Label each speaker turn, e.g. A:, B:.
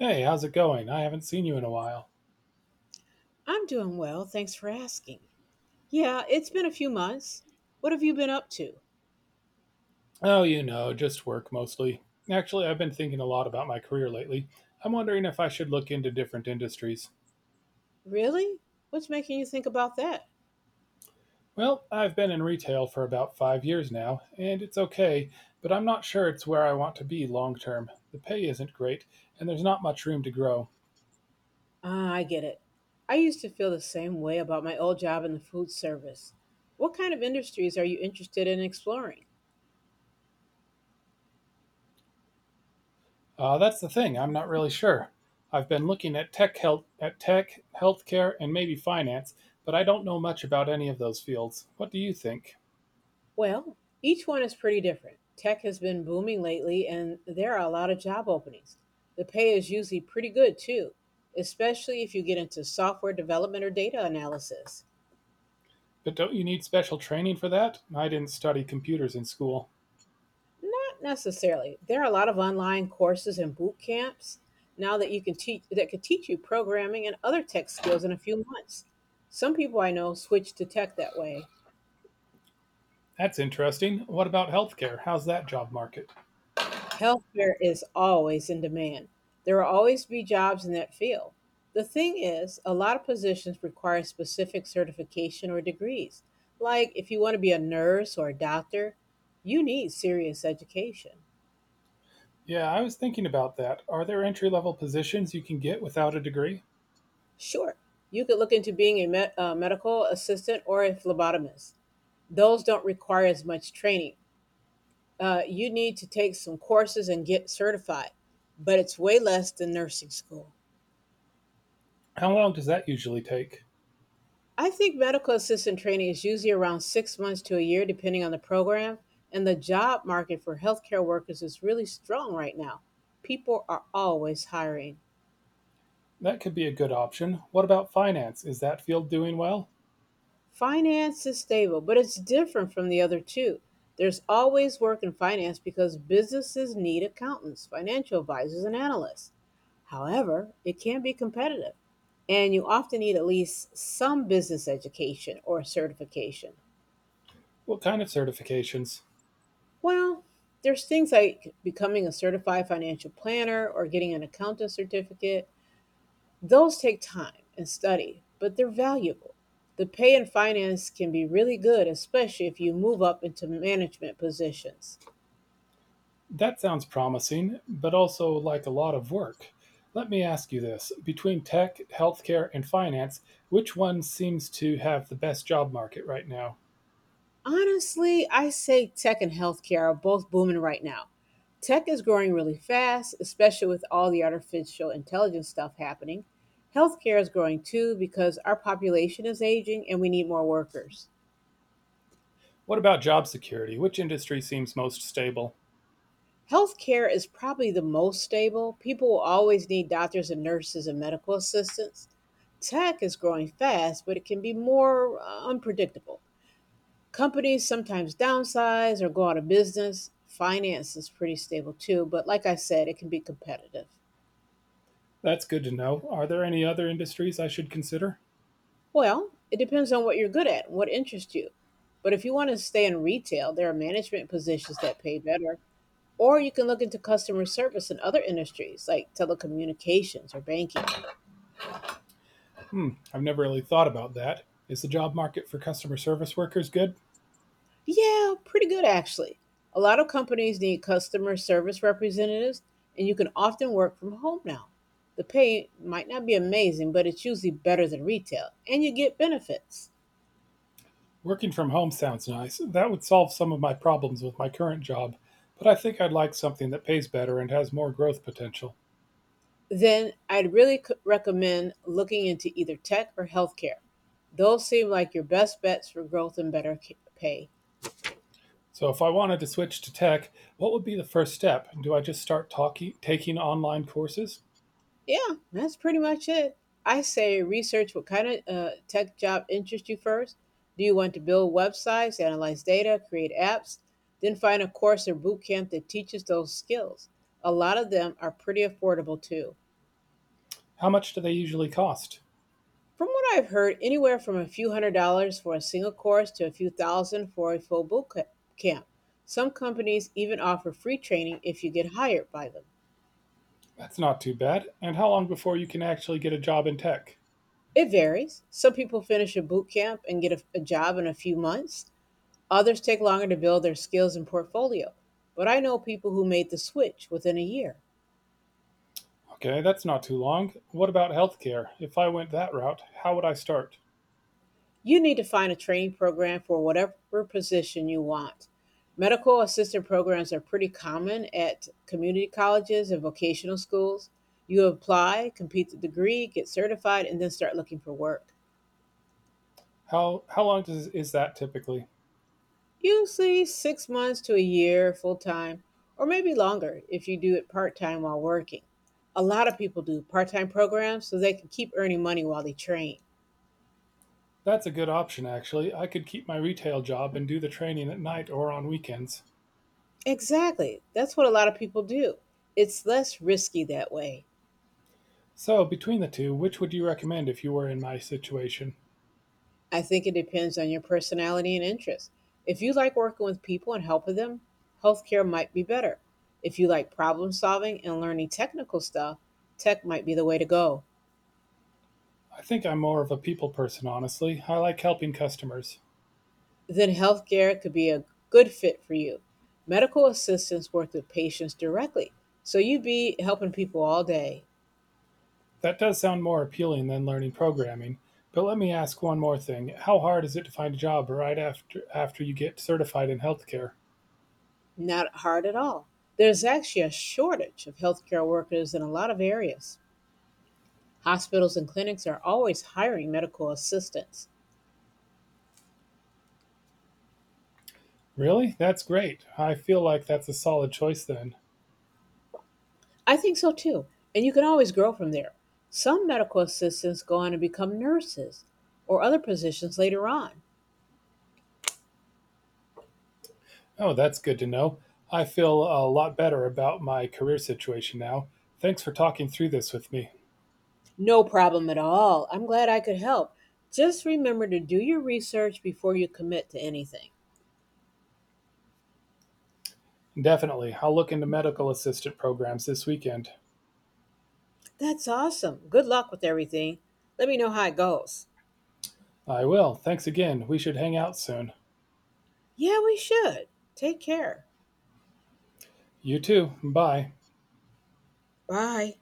A: Hey, how's it going? I haven't seen you in a while.
B: I'm doing well. Thanks for asking. Yeah, it's been a few months. What have you been up to?
A: Oh, you know, just work mostly. Actually, I've been thinking a lot about my career lately. I'm wondering if I should look into different industries.
B: Really? What's making you think about that?
A: Well, I've been in retail for about 5 years now, and it's okay, but I'm not sure it's where I want to be long term. The pay isn't great, and there's not much room to grow.
B: Ah, I get it. I used to feel the same way about my old job in the food service. What kind of industries are you interested in exploring?
A: That's the thing, I'm not really sure. I've been looking at tech, healthcare, and maybe finance, but I don't know much about any of those fields. What do you think?
B: Well, each one is pretty different. Tech has been booming lately, and there are a lot of job openings. The pay is usually pretty good, too, especially if you get into software development or data analysis.
A: But don't you need special training for that? I didn't study computers in school.
B: Not necessarily. There are a lot of online courses and boot camps now that you can teach that could teach you programming and other tech skills in a few months. Some people I know switch to tech that way.
A: That's interesting. What about healthcare? How's that job market?
B: Healthcare is always in demand. There will always be jobs in that field. The thing is, a lot of positions require specific certification or degrees. Like if you want to be a nurse or a doctor, you need serious education.
A: Yeah, I was thinking about that. Are there entry level positions you can get without a degree?
B: Sure. You could look into being a medical assistant or a phlebotomist. Those don't require as much training. You need to take some courses and get certified, but it's way less than nursing school.
A: How long does that usually take?
B: I think medical assistant training is usually around 6 months to a year, depending on the program. And the job market for healthcare workers is really strong right now. People are always hiring.
A: That could be a good option. What about finance? Is that field doing well?
B: Finance is stable, but it's different from the other two. There's always work in finance because businesses need accountants, financial advisors, and analysts. However, it can be competitive, and you often need at least some business education or certification.
A: What kind of certifications?
B: Well, there's things like becoming a certified financial planner or getting an accountant certificate. Those take time and study, but they're valuable. The pay in finance can be really good, especially if you move up into management positions.
A: That sounds promising, but also like a lot of work. Let me ask you this between tech, healthcare, and finance, which one seems to have the best job market right now?
B: Honestly, I say tech and healthcare are both booming right now. Tech is growing really fast, especially with all the artificial intelligence stuff happening. Healthcare is growing too because our population is aging and we need more workers.
A: What about job security? Which industry seems most stable?
B: Healthcare is probably the most stable. People will always need doctors and nurses and medical assistants. Tech is growing fast, but it can be more unpredictable. Companies sometimes downsize or go out of business. Finance is pretty stable too, but like I said, it can be competitive.
A: That's good to know. Are there any other industries I should consider?
B: Well, it depends on what you're good at, what interests you. But if you want to stay in retail, there are management positions that pay better, or you can look into customer service in other industries like telecommunications or banking.
A: Hmm, I've never really thought about that. Is the job market for customer service workers good?
B: Yeah, pretty good actually. A lot of companies need customer service representatives, and you can often work from home now. The pay might not be amazing, but it's usually better than retail, and you get benefits.
A: Working from home sounds nice. That would solve some of my problems with my current job, but I think I'd like something that pays better and has more growth potential.
B: Then I'd recommend looking into either tech or healthcare. Those seem like your best bets for growth and better pay.
A: So, if I wanted to switch to tech, what would be the first step? Do I just taking online courses?
B: Yeah, that's pretty much it. I say research what kind of tech job interests you first. Do you want to build websites, analyze data, create apps? Then find a course or boot camp that teaches those skills. A lot of them are pretty affordable too.
A: How much do they usually cost?
B: From what I've heard, anywhere from a few $100s for a single course to a few thousand for a full boot camp. Some companies even offer free training if you get hired by them.
A: That's not too bad. And how long before you can actually get a job in tech?
B: It varies. Some people finish a boot camp and get a job in a few months. Others take longer to build their skills and portfolio, but I know people who made the switch within a year.
A: Okay, that's not too long. What about healthcare? If I went that route, how would I start?
B: You need to find a training program for whatever position you want. Medical assistant programs are pretty common at community colleges and vocational schools. You apply, complete the degree, get certified, and then start looking for work.
A: How long does is that typically?
B: Usually 6 months to a year full time, or maybe longer if you do it part time while working. A lot of people do part time programs so they can keep earning money while they train.
A: That's a good option actually. I could keep my retail job and do the training at night or on weekends.
B: Exactly. That's what a lot of people do. It's less risky that way.
A: So, between the two, which would you recommend if you were in my situation?
B: I think it depends on your personality and interests. If you like working with people and helping them, healthcare might be better. If you like problem solving and learning technical stuff, tech might be the way to go.
A: I think I'm more of a people person, honestly. I like helping customers.
B: Then healthcare could be a good fit for you. Medical assistants work with patients directly, so you'd be helping people all day.
A: That does sound more appealing than learning programming. But let me ask one more thing. How hard is it to find a job right after you get certified in healthcare?
B: Not hard at all. There's actually a shortage of healthcare workers in a lot of areas. Hospitals and clinics are always hiring medical assistants.
A: Really? That's great. I feel like that's a solid choice then.
B: I think so too. And you can always grow from there. Some medical assistants go on to become nurses or other positions later on.
A: Oh, that's good to know. I feel a lot better about my career situation now. Thanks for talking through this with me.
B: No problem at all. I'm glad I could help. Just remember to do your research before you commit to anything.
A: Definitely. I'll look into medical assistant programs this weekend.
B: That's awesome. Good luck with everything. Let me know how it goes.
A: I will. Thanks again. We should hang out soon.
B: Yeah, we should. Take care.
A: You too. Bye.
B: Bye.